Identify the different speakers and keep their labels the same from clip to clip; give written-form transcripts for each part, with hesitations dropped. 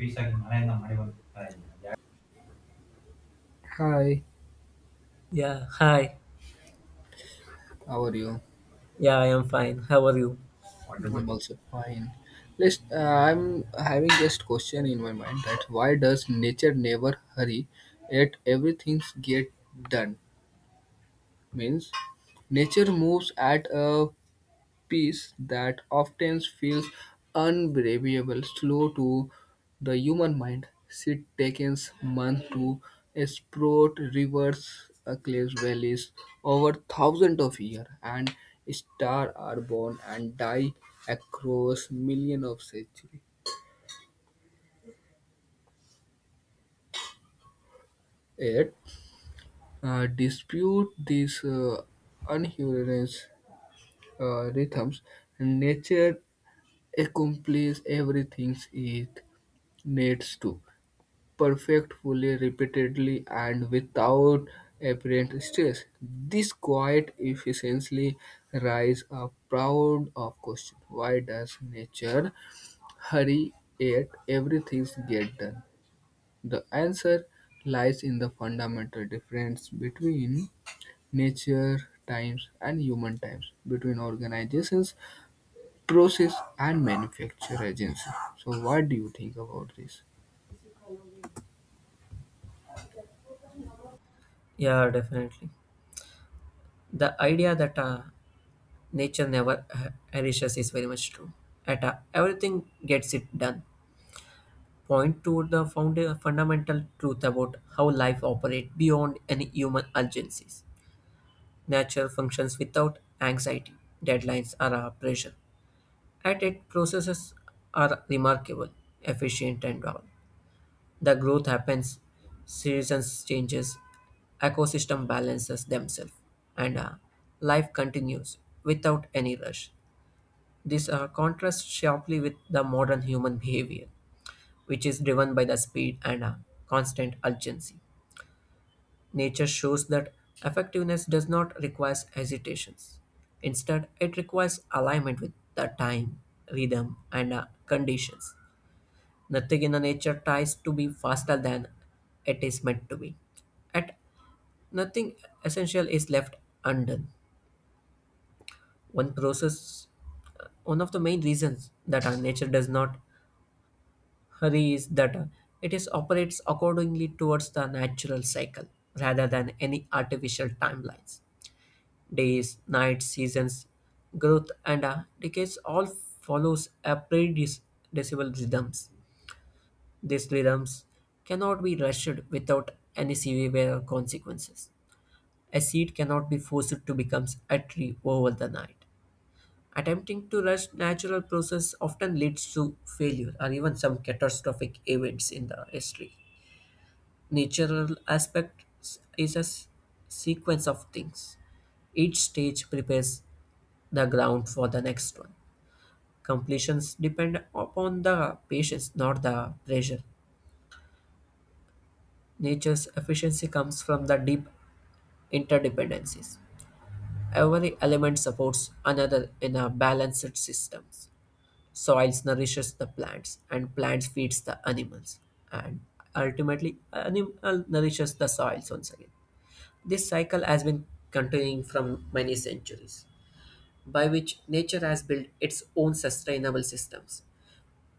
Speaker 1: ಪೀಸಾಗಿ ಮಳೆಯಿಂದ ಮಳೆ ಬಂತು Yeah,
Speaker 2: Hi,
Speaker 1: yeah, hi.
Speaker 2: how are you?
Speaker 1: Yeah, I am fine. How are you? What
Speaker 2: I'm
Speaker 1: about you?
Speaker 2: also fine. I'm having this question in my mind that why does nature never hurry, yet everything get done? Means nature moves at a peace that often feels unbelievable slow to the human mind. She takes months to explore rivers, across valleys over thousands of years, and stars are born and die across millions of centuries. Yet, dispute these unhuman rhythms, nature accomplishes everything it needs to. Perfect, fully, repeatedly, and without apparent stress. This quiet efficiency raises a proud of question. Why does nature hurry yet everything get done? The answer lies in the fundamental difference between nature times and human times, between organizations, process and manufacture agency. So what do you think about this?
Speaker 1: Yeah, definitely. The idea that nature never harassers is very much true. At everything gets it done. Point to the fundamental truth about how life operates beyond any human urgencies. Nature functions without anxiety, deadlines, or pressure. At its processes are remarkable, efficient, and all. The growth happens, seasons changes, ecosystem balances themselves, and life continues without any rush. This contrasts sharply with the modern human behavior, which is driven by the speed and constant urgency. Nature shows that effectiveness does not require hesitations. Instead, it requires alignment with the time, rhythm, and conditions. Nothing in the nature tries to be faster than it is meant to be. At nothing essential is left undone. One process, one of the main reasons that our nature does not hurry is that it is operates accordingly towards the natural cycle rather than any artificial timelines. Days, nights, seasons, growth, and decays all follows a predecessable rhythms. These rhythms cannot be rushed without any severe consequences. A seed cannot be forced to become a tree over the night. Attempting to rush natural process often leads to failure or even some catastrophic events in the history. Natural aspects is a sequence of things. Each stage prepares the ground for the next one. Completions depend upon the patience, not the pressure. Nature's efficiency comes from the deep interdependencies. Every element supports another in a balanced system. Soils nourishes the plants, and plants feeds the animals, and ultimately animal nourishes the soils once again. This cycle has been continuing from many centuries, by which nature has built its own sustainable systems.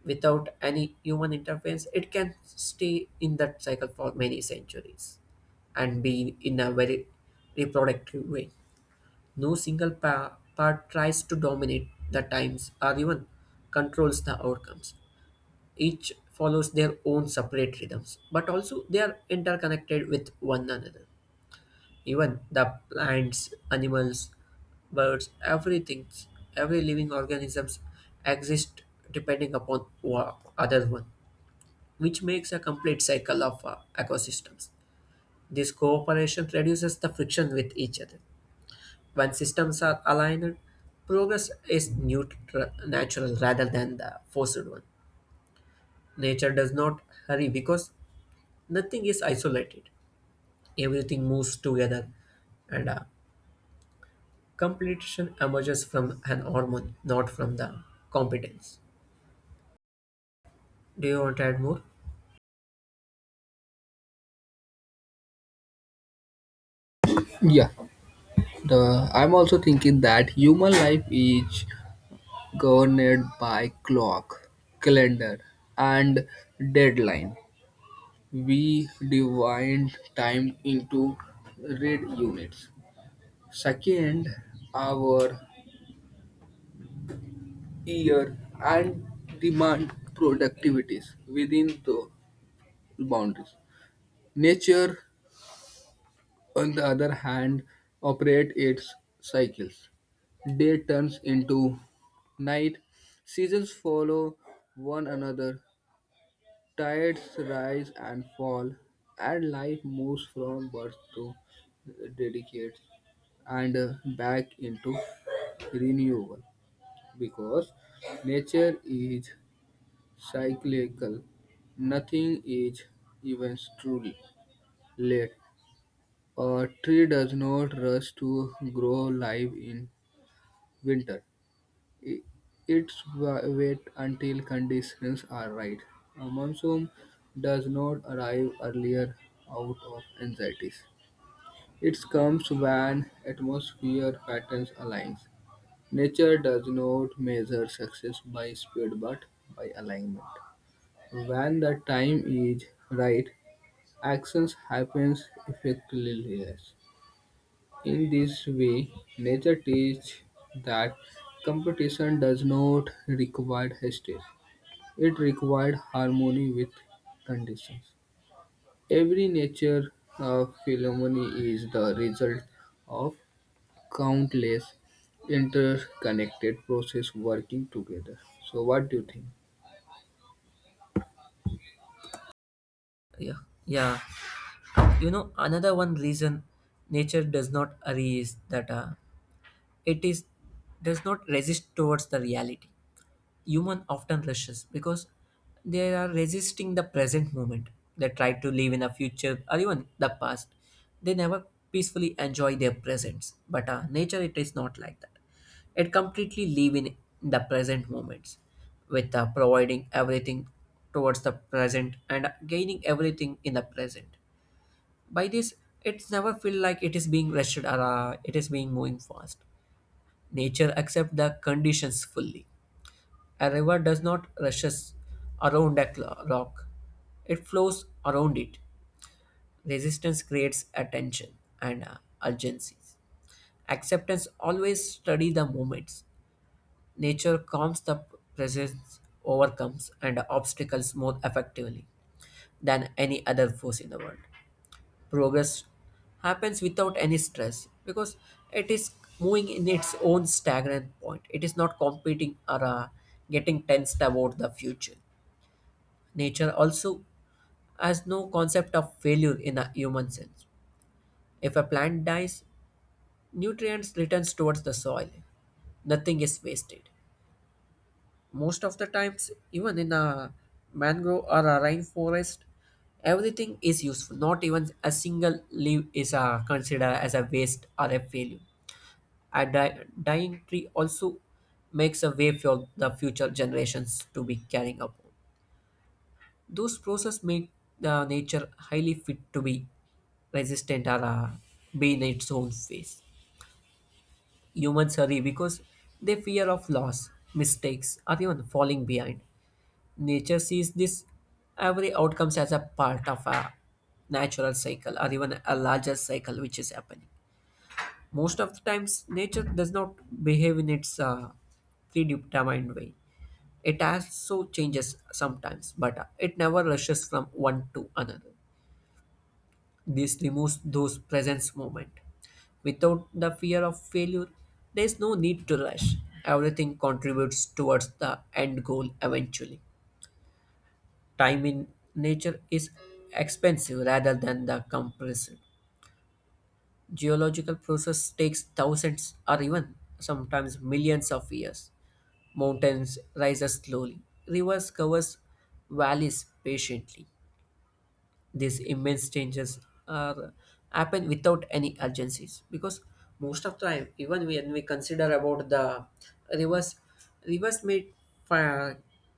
Speaker 1: Without any human interference, it can stay in that cycle for many centuries and be in a very reproductive way. No single part tries to dominate the times or even controls the outcomes. Each follows their own separate rhythms, but also they are interconnected with one another. Even the plants, animals, birds, everything, every living organisms exist depending upon other one, which makes a complete cycle of ecosystems. This cooperation reduces the friction with each other. When systems are aligned, progress is neutral, natural rather than the forced one. Nature does not hurry because nothing is isolated. Everything moves together, and completion emerges from an hormone, not from the competence. Do you want to add more?
Speaker 2: Yeah. The I'm also thinking that human life is governed by clock, calendar, and deadline. We divide time into red units, second, hour, year, and demand productivities within the boundaries. Nature, on the other hand, operate its cycles. Day turns into night, seasons follow one another, tides rise and fall, and life moves from birth to dedicate and back into renewal because nature is cyclical, nothing is even truly late. A tree does not rush to grow live in winter. I- It's wait until conditions are right. A monsoon does not arrive earlier out of anxieties. It comes when atmosphere patterns align. Nature does not measure success by speed but by alignment. When the time is right, actions happens effectively. In this way, nature teaches that competition does not require justice; it required harmony with conditions. Every nature phenomenon is the result of countless interconnected processes working together. So, what do you think?
Speaker 1: Yeah, yeah. You know, another one reason nature does not hurry is that it is does not resist towards the reality. Human often rushes because they are resisting the present moment. They try to live in the future or even the past. They never peacefully enjoy their presence. But nature, it is not like that. It completely live in the present moments, with providing everything towards the present and gaining everything in the present. By this, it's never feel like it is being rushed or it is being moving fast. Nature accept the conditions fully. A river does not rushes around a rock, it flows around it. Resistance creates attention and urgencies. Acceptance always study the moments. Nature calms the presence, overcomes and obstacles more effectively than any other force in the world. Progress happens without any stress because it is moving in its own stagnant point. It is not competing or getting tensed about the future. Nature also has no concept of failure in a human sense. If a plant dies, nutrients returns towards the soil. Nothing is wasted. Most of the times, even in a mangrove or a rainforest, everything is useful. Not even a single leaf is considered as a waste or a failure. A dying tree also makes a way for the future generations to be carrying up. Those processes make the nature highly fit to be resistant or be in its own phase. Humans hurry because they fear of loss, mistakes, or even falling behind. Nature sees this every outcomes as a part of a natural cycle or even a larger cycle which is happening. Most of the times, nature does not behave in its predetermined way. It also changes sometimes, but it never rushes from one to another. This removes those presence moment. Without the fear of failure, there is no need to rush. Everything contributes towards the end goal eventually. Time in nature is expensive rather than the compressed. Geological process takes thousands or even sometimes millions of years. Mountains rise slowly. Rivers covers valleys patiently. These immense changes are happen without any urgencies because most of time even when we consider about the rivers rivers may uh,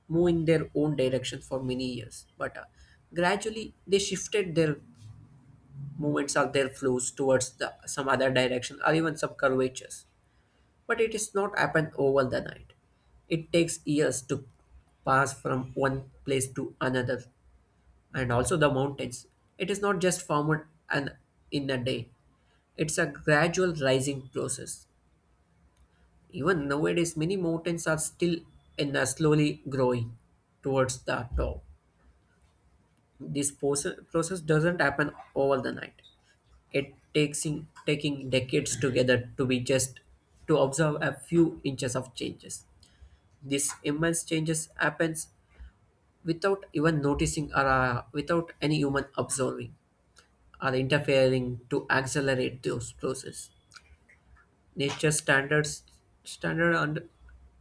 Speaker 1: move in their own direction for many years but gradually they shifted their movements or their flows towards the some other direction or even some curvatures, but it is not happened over the night. It takes years to pass from one place to another, and also the mountains. It is not just formed and in a day. It's a gradual rising process. Even nowadays, many mountains are still in a slowly growing towards the top. This process doesn't happen over the night. It takes in, taking decades together to be just to observe a few inches of changes. This immense changes happens without even noticing or without any human observing are interfering to accelerate those processes. Nature standard und-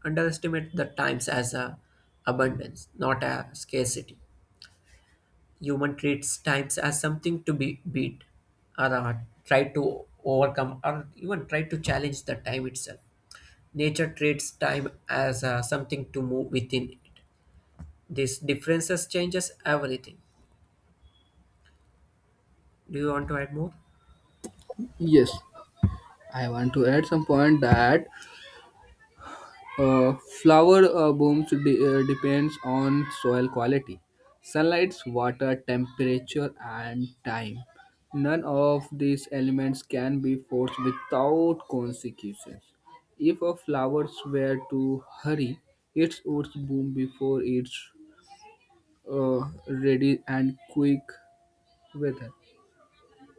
Speaker 1: underestimate the times as a abundance, not a scarcity. Human treats times as something to be beat, or try to overcome, or even try to challenge the time itself. Nature treats time as something to move within it. These differences changes everything. Do you want to add more?
Speaker 2: Yes, I want to add some point that Uh, flower blooms depends on soil quality, sunlight, water, temperature, and time. None of these elements can be forced without consequences. If a flower were to hurry, it would bloom before it's ready and quick weather.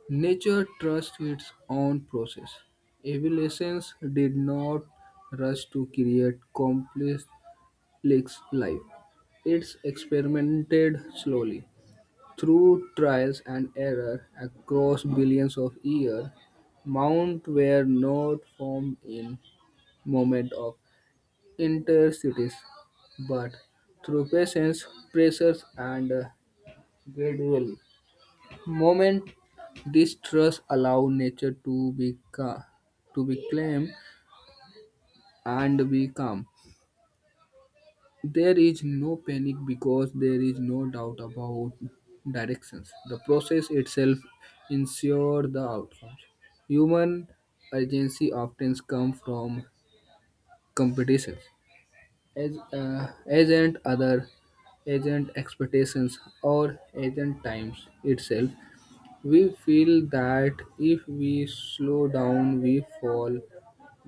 Speaker 2: Nature trusts its own process. Evolution did not rush to create complex Leagues live. It's experimented slowly, through trials and error across billions of years. Mounts were not formed in moment of interstices, but through patience, pressures, and gradual moment. This trust allow nature to be calm and be calm. There is no panic because there is no doubt about directions. The process itself ensures the outcomes. Human agency often comes from competitions, as, agent other, agent expectations, or agent times itself. We feel that if we slow down, we fall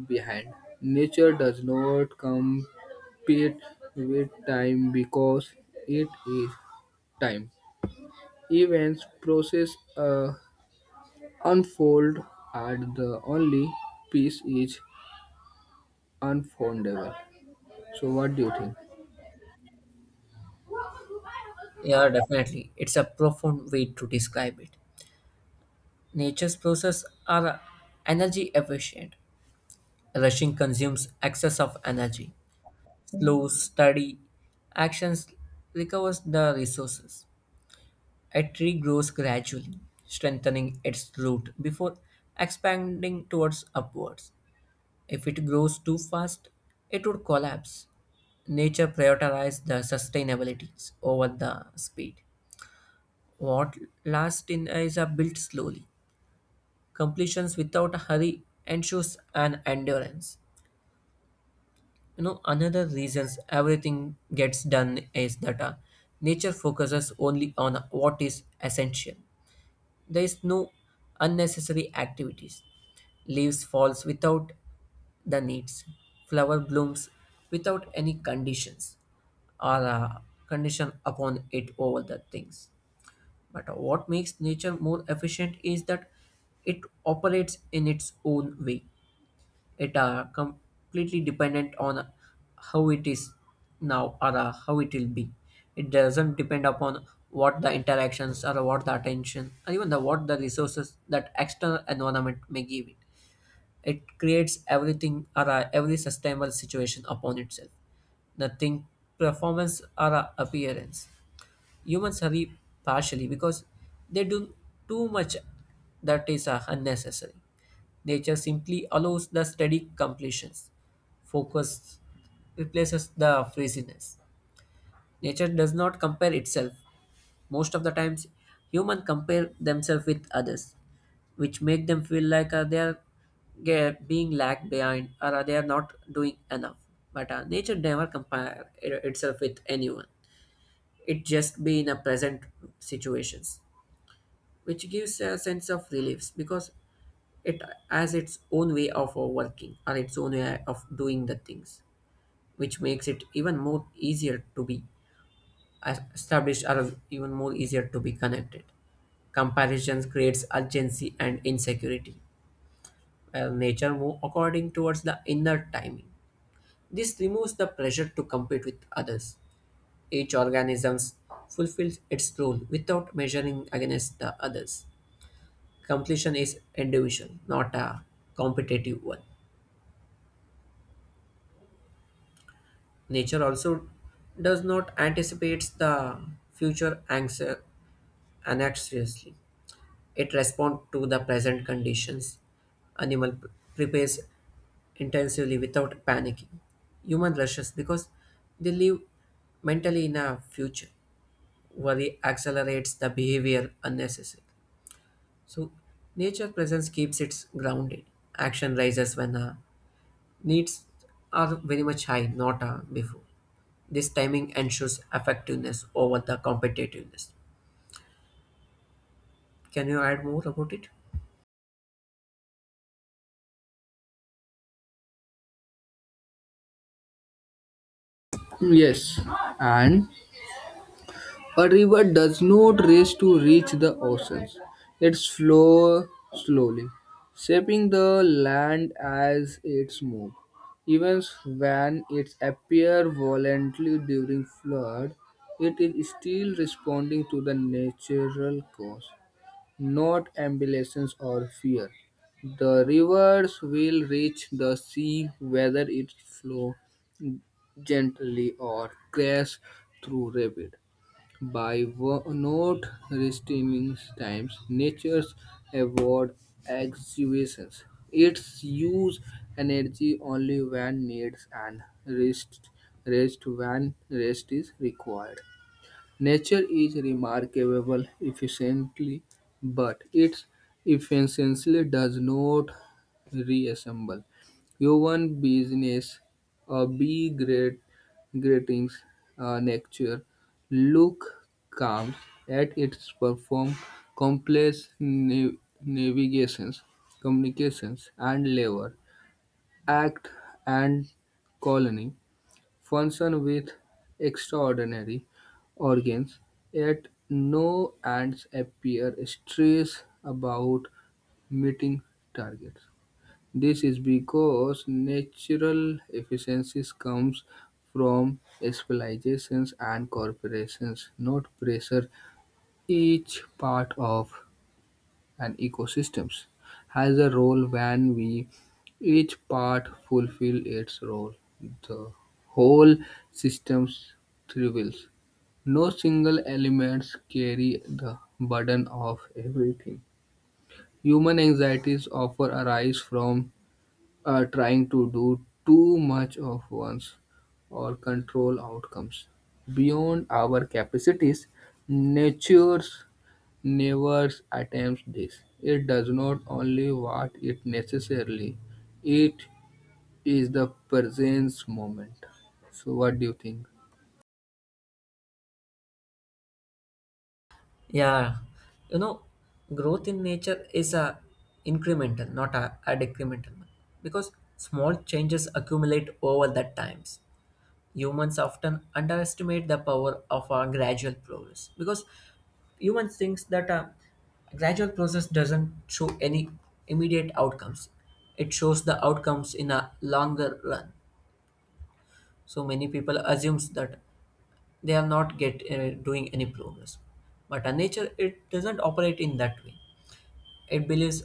Speaker 2: behind. Nature does not compete with time because it is time. Events, process, unfold, and the only peace is unfoldable. So, what do you think?
Speaker 1: Yeah, definitely. It's a profound way to describe it. Nature's processes are energy efficient. Rushing consumes excess of energy. Slow, steady actions recovers the resources. A tree grows gradually, strengthening its root before expanding towards upwards. If it grows too fast, it would collapse. Nature prioritizes the sustainability over the speed. What lasts in is are built slowly. Completions without hurry ensures an endurance. You know, another reasons everything gets done is that nature focuses only on what is essential. There is no unnecessary activities. Leaves falls without the needs. Flower blooms without any conditions or condition upon it over the things. But what makes nature more efficient is that it operates in its own way. It are completely dependent on how it is now or how it will be. It doesn't depend upon what the interactions or what the attention or even the what the resources that external environment may give it. It creates everything or every sustainable situation upon itself, nothing performance or appearance. Humans hurry partially because they do too much that is unnecessary. Nature simply allows the steady completions. Focus replaces the frizziness. Nature does not compare itself. Most of the times, humans compare themselves with others, which make them feel like they are being lagged behind or they are not doing enough. But nature never itself with anyone. It just be in a present situations, which gives a sense of relief because it has its own way of working or its own way of doing the things, which makes it even more easier to be established or even more easier to be connected. Comparisons creates urgency and insecurity, while nature move according towards the inner timing. This removes the pressure to compete with others. Each organism fulfills its role without measuring against the others. Completion is individual, not a competitive one. Nature also does not anticipate the future anxi- anxiously. It responds to the present conditions. Animal p- Prepares intensively without panicking. Human rushes because they live mentally in a future. Worry accelerates the behavior unnecessarily. So nature presence keeps it grounded. Action rises when needs are very much high, not before. This timing ensures effectiveness over the competitiveness. Can you add more about it?
Speaker 2: Yes, and a river does not race to reach the oceans. It flows slowly, shaping the land as it moves. Even when it appears violently during flood, it is still responding to the natural cause, not ambitions or fear. The rivers will reach the sea whether it flows gently or crashes through rapid. By not restraining times, nature's avoid exhibitions. It's use energy only when needs and rest when rest is required. Nature is remarkable efficiently, but its efficiency does not resemble human business a be great greetings. Nature look comes at its perform complex navigations, communications, and labor act and colony function with extraordinary organs, yet no ants appear stressed about meeting targets. This is because natural efficiencies comes from specializations and corporations, not pressure each part of and ecosystems, has a role when we each part fulfill its role. The whole system thrives. No single elements carry the burden of everything. Human anxieties often arise from trying to do too much of once or control outcomes beyond our capacities. Nature's never attempts this. It does not only what it necessarily, it is the presence moment. So what do you think?
Speaker 1: Yeah, you know, growth in nature is a incremental, not a decremental one, because small changes accumulate over that times. Humans often underestimate the power of a gradual progress because humans thinks that a gradual process doesn't show any immediate outcomes. It shows the outcomes in a longer run. So many people assumes that they are not get doing any progress. But a nature it doesn't operate in that way. It believes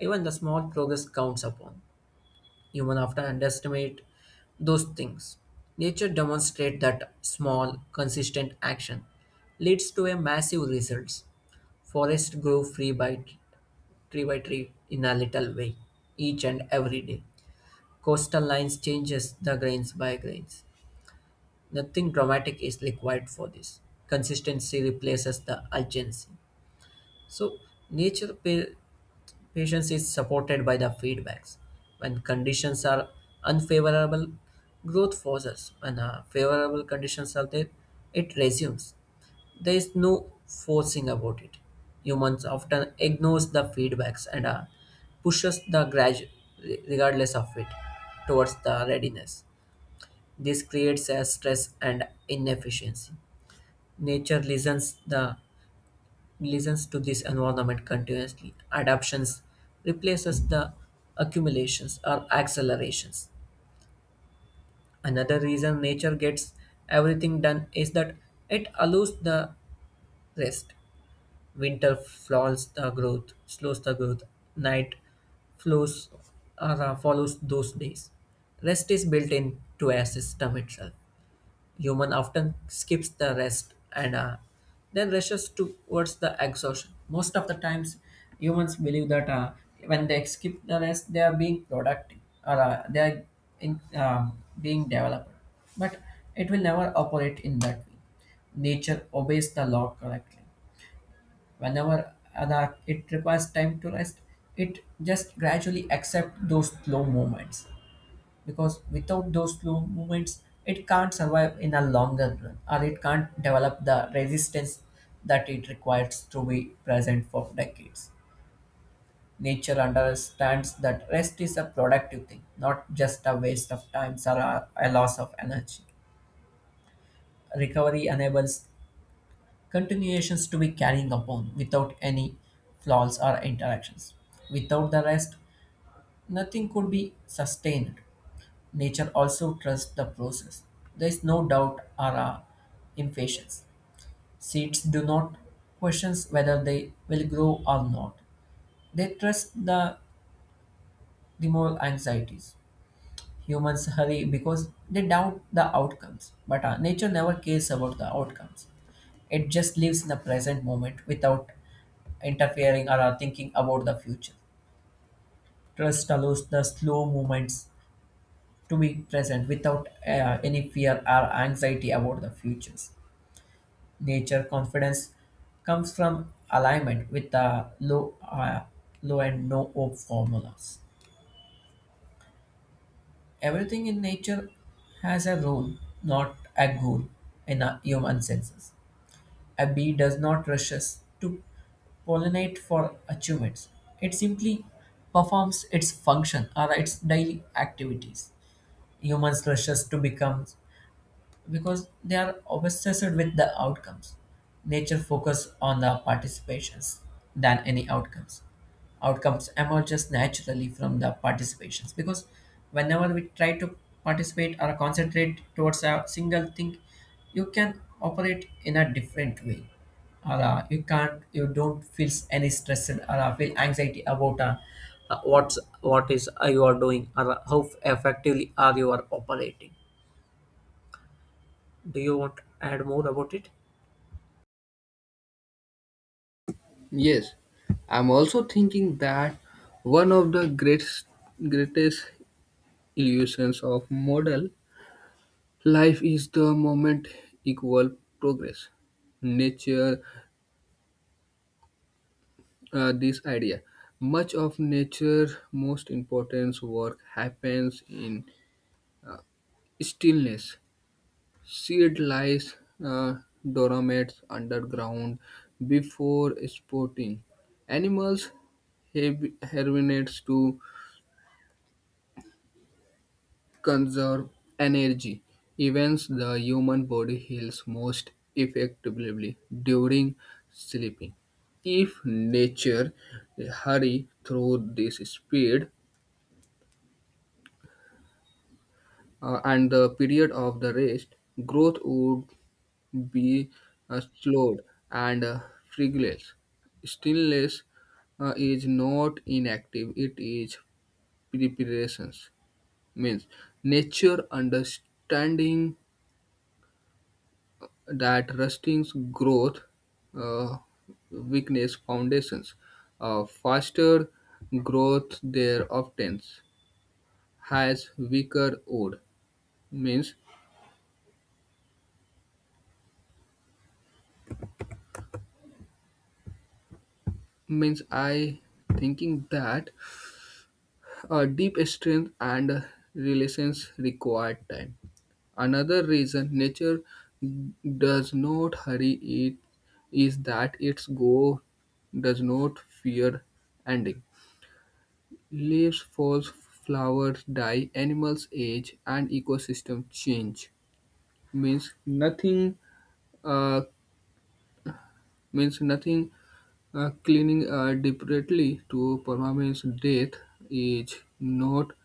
Speaker 1: even the small progress counts upon. Human often underestimate those things. Nature demonstrates that small, consistent action leads to a massive results. Forests grow free by tree in a little way, each and every day. Coastal lines changes the grains by grains. Nothing dramatic is required for this. Consistency replaces the urgency. So nature pa- patience is supported by the feedbacks. When conditions are unfavorable, growth pauses. When favorable conditions are there, it resumes. There is no forcing about it. Humans often ignores the feedbacks and pushes the graduate, regardless of it, towards the readiness. This creates a stress and inefficiency. Nature listens the listens to this environment continuously. Adaptions replaces the accumulations or accelerations. Another reason nature gets everything done is that it allows the rest. Winter flaws the growth, slows the growth. Night flows or follows those days. Rest is built into a system itself. Human often skips the rest and then rushes towards the exhaustion. Most of the times, humans believe that when they skip the rest, they are being productive or they are being developed. But it will never operate in that way. Nature obeys the law correctly. Whenever it requires time to rest, it just gradually accepts those slow moments, because without those slow movements it can't survive in a longer run, or it can't develop the resistance that it requires to be present for decades. Nature understands that rest is a productive thing, not just a waste of time or a loss of energy. Recovery enables continuations to be carrying upon without any flaws or interactions. Without the rest, nothing could be sustained. Nature also trusts the process. There is no doubt or impatience. Seeds do not question whether they will grow or not. They trust the removal anxieties. Humans hurry because they doubt the outcomes, but nature never cares about the outcomes. It just lives in the present moment without interfering or thinking about the future. Trust allows the slow movements to be present without any fear or anxiety about the futures. Nature confidence comes from alignment with the low, low and no hope formulas. Everything in nature has a role, not a goal, in a human senses. A bee does not rushes to pollinate for achievements. It simply performs its function or its daily activities. Humans rushes to become because they are obsessed with the outcomes. Nature focus on the participations than any outcomes. Outcomes emerges naturally from the participations, because whenever we try to participate or concentrate towards a single thing, you can operate in a different way, or you don't feel any stress or feel anxiety about what is you are doing, or how effectively are you are operating. Do you want to add more about it?
Speaker 2: Yes, I'm also thinking that one of the greatest illusions of modern life is the moment equal progress. Nature, this idea. Much of nature most important work happens in uh, stillness. Seed lies uh, dormant underground before spawning. Animals hibernates to conserve energy. Even the human body heals most effectively during sleeping. If nature hurry through this speed and the period of the rest, growth would be slowed and frivolous. Stillness is not inactive, it is preparations. Means nature understanding that rusting's growth, uh, weakness, foundations. Faster growth there often has weaker wood. Means means I thinking that deep strength and relations require time. Another reason nature does not hurry it is that its go does not fear ending. Leaves fall, flowers die, animals age, and ecosystem change. Means nothing. Uh, means nothing. Clinging desperately to permanence, death is not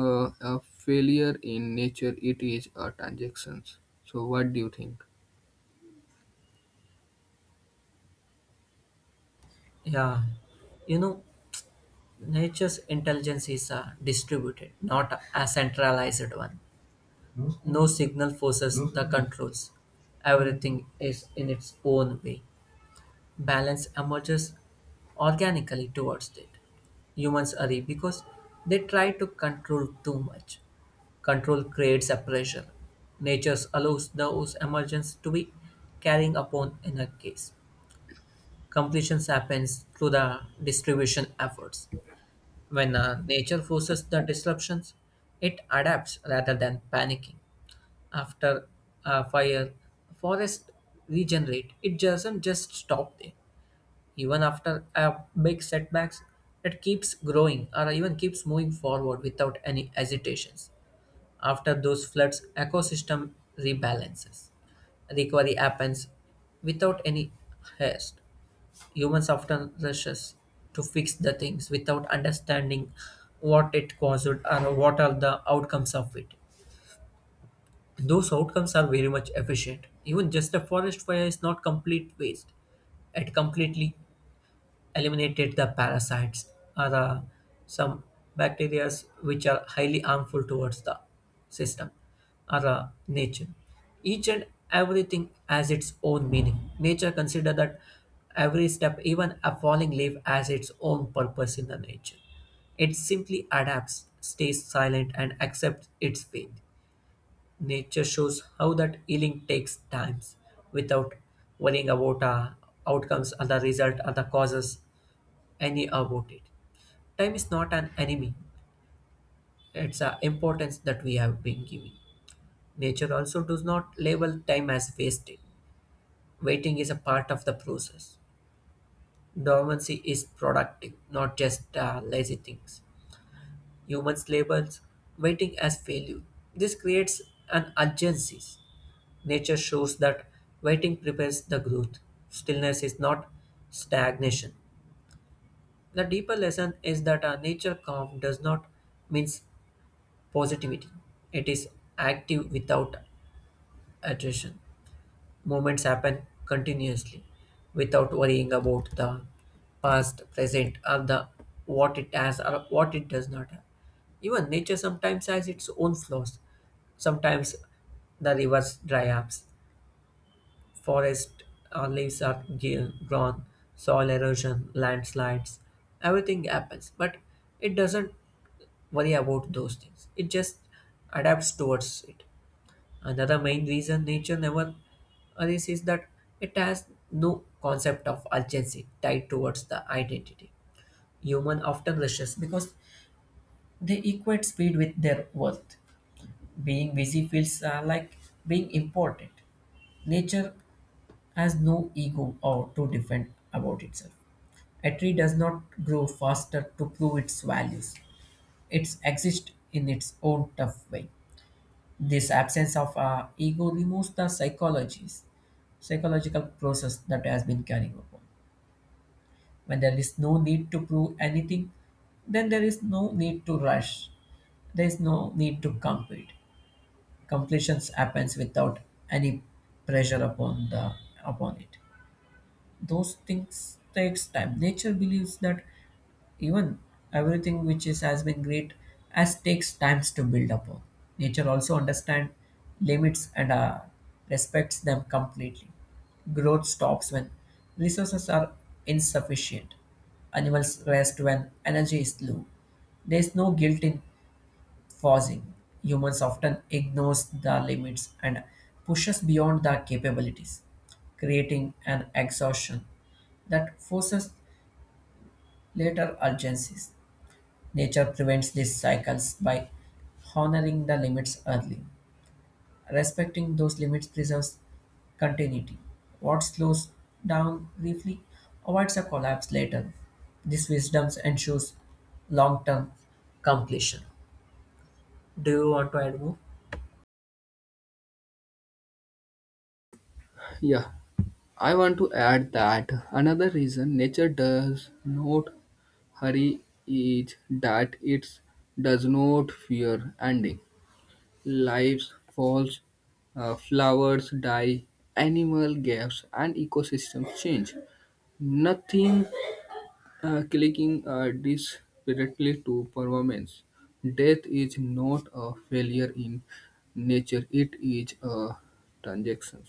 Speaker 2: A failure in nature, it is a transaction. So, what do you think?
Speaker 1: Yeah, you know, nature's intelligence is a distributed, not a centralized one. No signal forces the controls. Everything is in its own way. Balance emerges organically towards it. Humans hurry because they try to control too much. Control creates a pressure. Nature allows those emergence to be carrying upon in a case. Completions happens through the distribution efforts. When nature forces the disruptions, it adapts rather than panicking. After a fire, forest regenerate. It doesn't just stop there. Even after a big setbacks, it keeps growing or even keeps moving forward without any hesitations. After those floods, ecosystem rebalances. Recovery happens without any haste. Humans often rushes to fix the things without understanding what it caused, or what are the outcomes of it. Those outcomes are very much efficient. Even just a forest fire is not complete waste. It completely eliminated the parasites or the, some bacteria which are highly harmful towards the system or the nature. Each and everything has its own meaning. Nature consider that every step, even a falling leaf, has its own purpose in the nature. It simply adapts, stays silent, and accepts its fate. Nature shows how that healing takes times without worrying about outcomes or the result or the causes any about it. Time is not an enemy. It's an importance that we have been giving. Nature also does not label time as wasted. Waiting is a part of the process. Dormancy is productive, not just lazy things. Humans labels waiting as failure. This creates an urgency. Nature shows that waiting prepares the growth. Stillness is not stagnation. The deeper lesson is that our nature calm does not means positivity. It is active without attrition. Movements happen continuously without worrying about the past, present, or the what it has or what it does not have. Even nature sometimes has its own flaws. Sometimes the rivers dry up, forest leaves are gone, soil erosion, landslides, everything happens. But it doesn't worry about those things. It just adapts towards it. Another main reason nature never arises is that it has no concept of urgency tied towards the identity. Human often rushes because they equate speed with their worth. Being busy feels like being important. Nature has no ego or to defend about itself. A tree does not grow faster to prove its values. It exists in its own tough way. This absence of ego removes the psychological process that has been carrying upon. When there is no need to prove anything, then there is no need to rush. There is no need to compete. Completions happens without any pressure upon it. Those things takes time. Nature believes that even everything which is has been great as takes times to build up. Nature also understand limits and respects them completely. Growth stops when resources are insufficient. Animals rest when energy is low. There is no guilt in pausing. Humans often ignores the limits and pushes beyond their capabilities, creating an exhaustion that forces later urgencies. Nature prevents these cycles by honoring the limits early. Respecting those limits preserves continuity. What slows down briefly avoids a collapse later. This wisdom ensures long term completion. Do you want to add more?
Speaker 2: Yeah, I want to add that another reason nature does not hurry is that it does not fear ending. Lives falls, flowers die, animal gaps, and ecosystems change. Nothing clicking desperately to performance. Death is not a failure in nature, it is a transaction.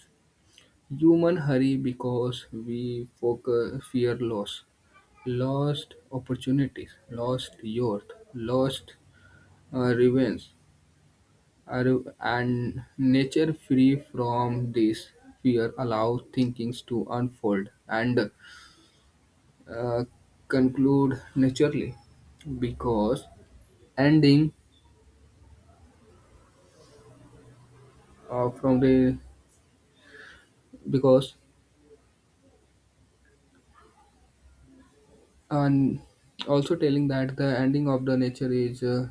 Speaker 2: Human hurry because we focus, fear loss, lost opportunities, lost youth, lost revenge, and nature free from this fear allows thinkings to unfold and uh, conclude naturally because ending from the because and also telling that the ending of the nature is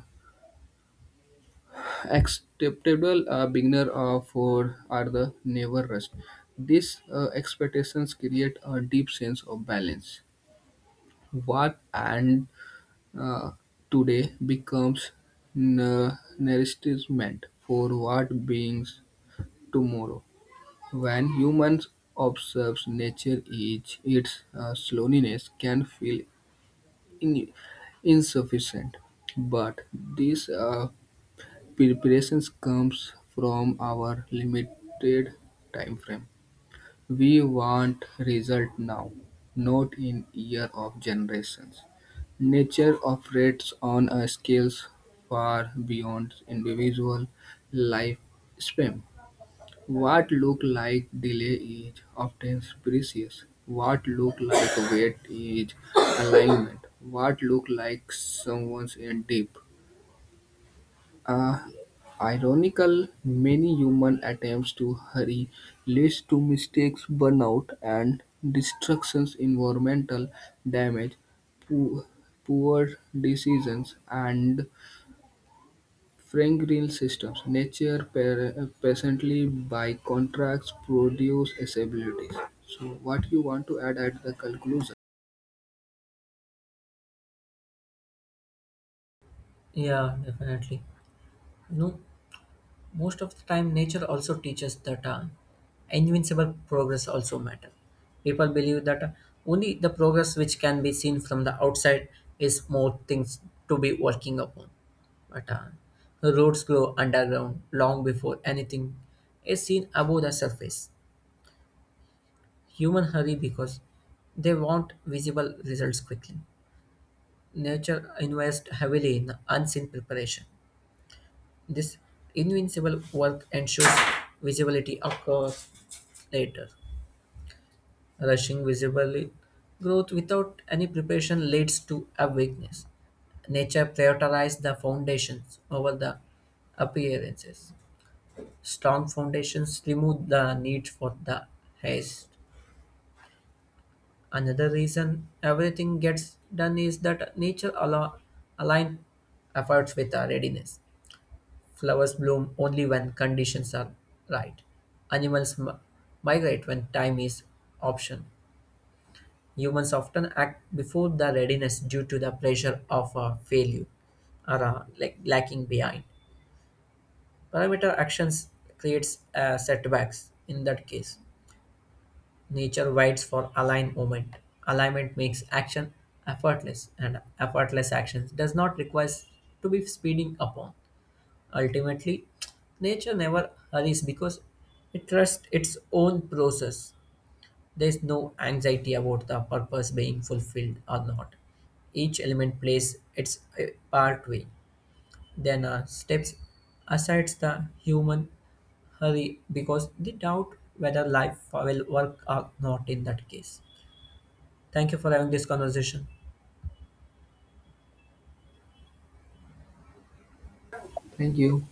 Speaker 2: acceptable beginner for are the never rest these expectations create a deep sense of balance what and uh, today becomes nourishment for what beings tomorrow. When humans observe nature each its slowness can feel in- insufficient, but this preparation comes from our limited time frame. We want result now, not in year of generations. Nature operates on a scales far beyond individual lifespan. What look like delay is often precious. What look like weight is alignment. What look like someone's in deep. Uh, ironical, many human attempts to hurry leads to mistakes, burnout, and destructions, environmental damage, poor, poor decisions, and Frank Green systems, nature presently by contracts produce abilities. So, what you want to add at the conclusion?
Speaker 1: Yeah, definitely. No, most of the time nature also teaches that invincible progress also matter. People believe that only the progress which can be seen from the outside is more things to be working upon, but the roads grow underground long before anything is seen above the surface. Human hurry because they want visible results quickly. Nature invests heavily in unseen preparation. This invincible work ensures visibility across later. Rushing visible growth without any preparation leads to a weakness. Nature prioritizes the foundations over the appearances. Strong foundations remove the need for the haste. Another reason everything gets done is that nature aligns efforts with our readiness. Flowers bloom only when conditions are right. Animals migrate when time is option. Humans often act before the readiness due to the pressure of a failure or like lacking behind. Parameter actions creates setbacks. In that case, nature waits for alignment. Alignment makes action effortless, and effortless actions does not require to be speeding upon. Ultimately, nature never hurries because it trusts its own process. There is no anxiety about the purpose being fulfilled or not. Each element plays its part way. Then steps aside the human hurry because they doubt whether life will work or not in that case. Thank you for having this conversation.
Speaker 2: Thank you.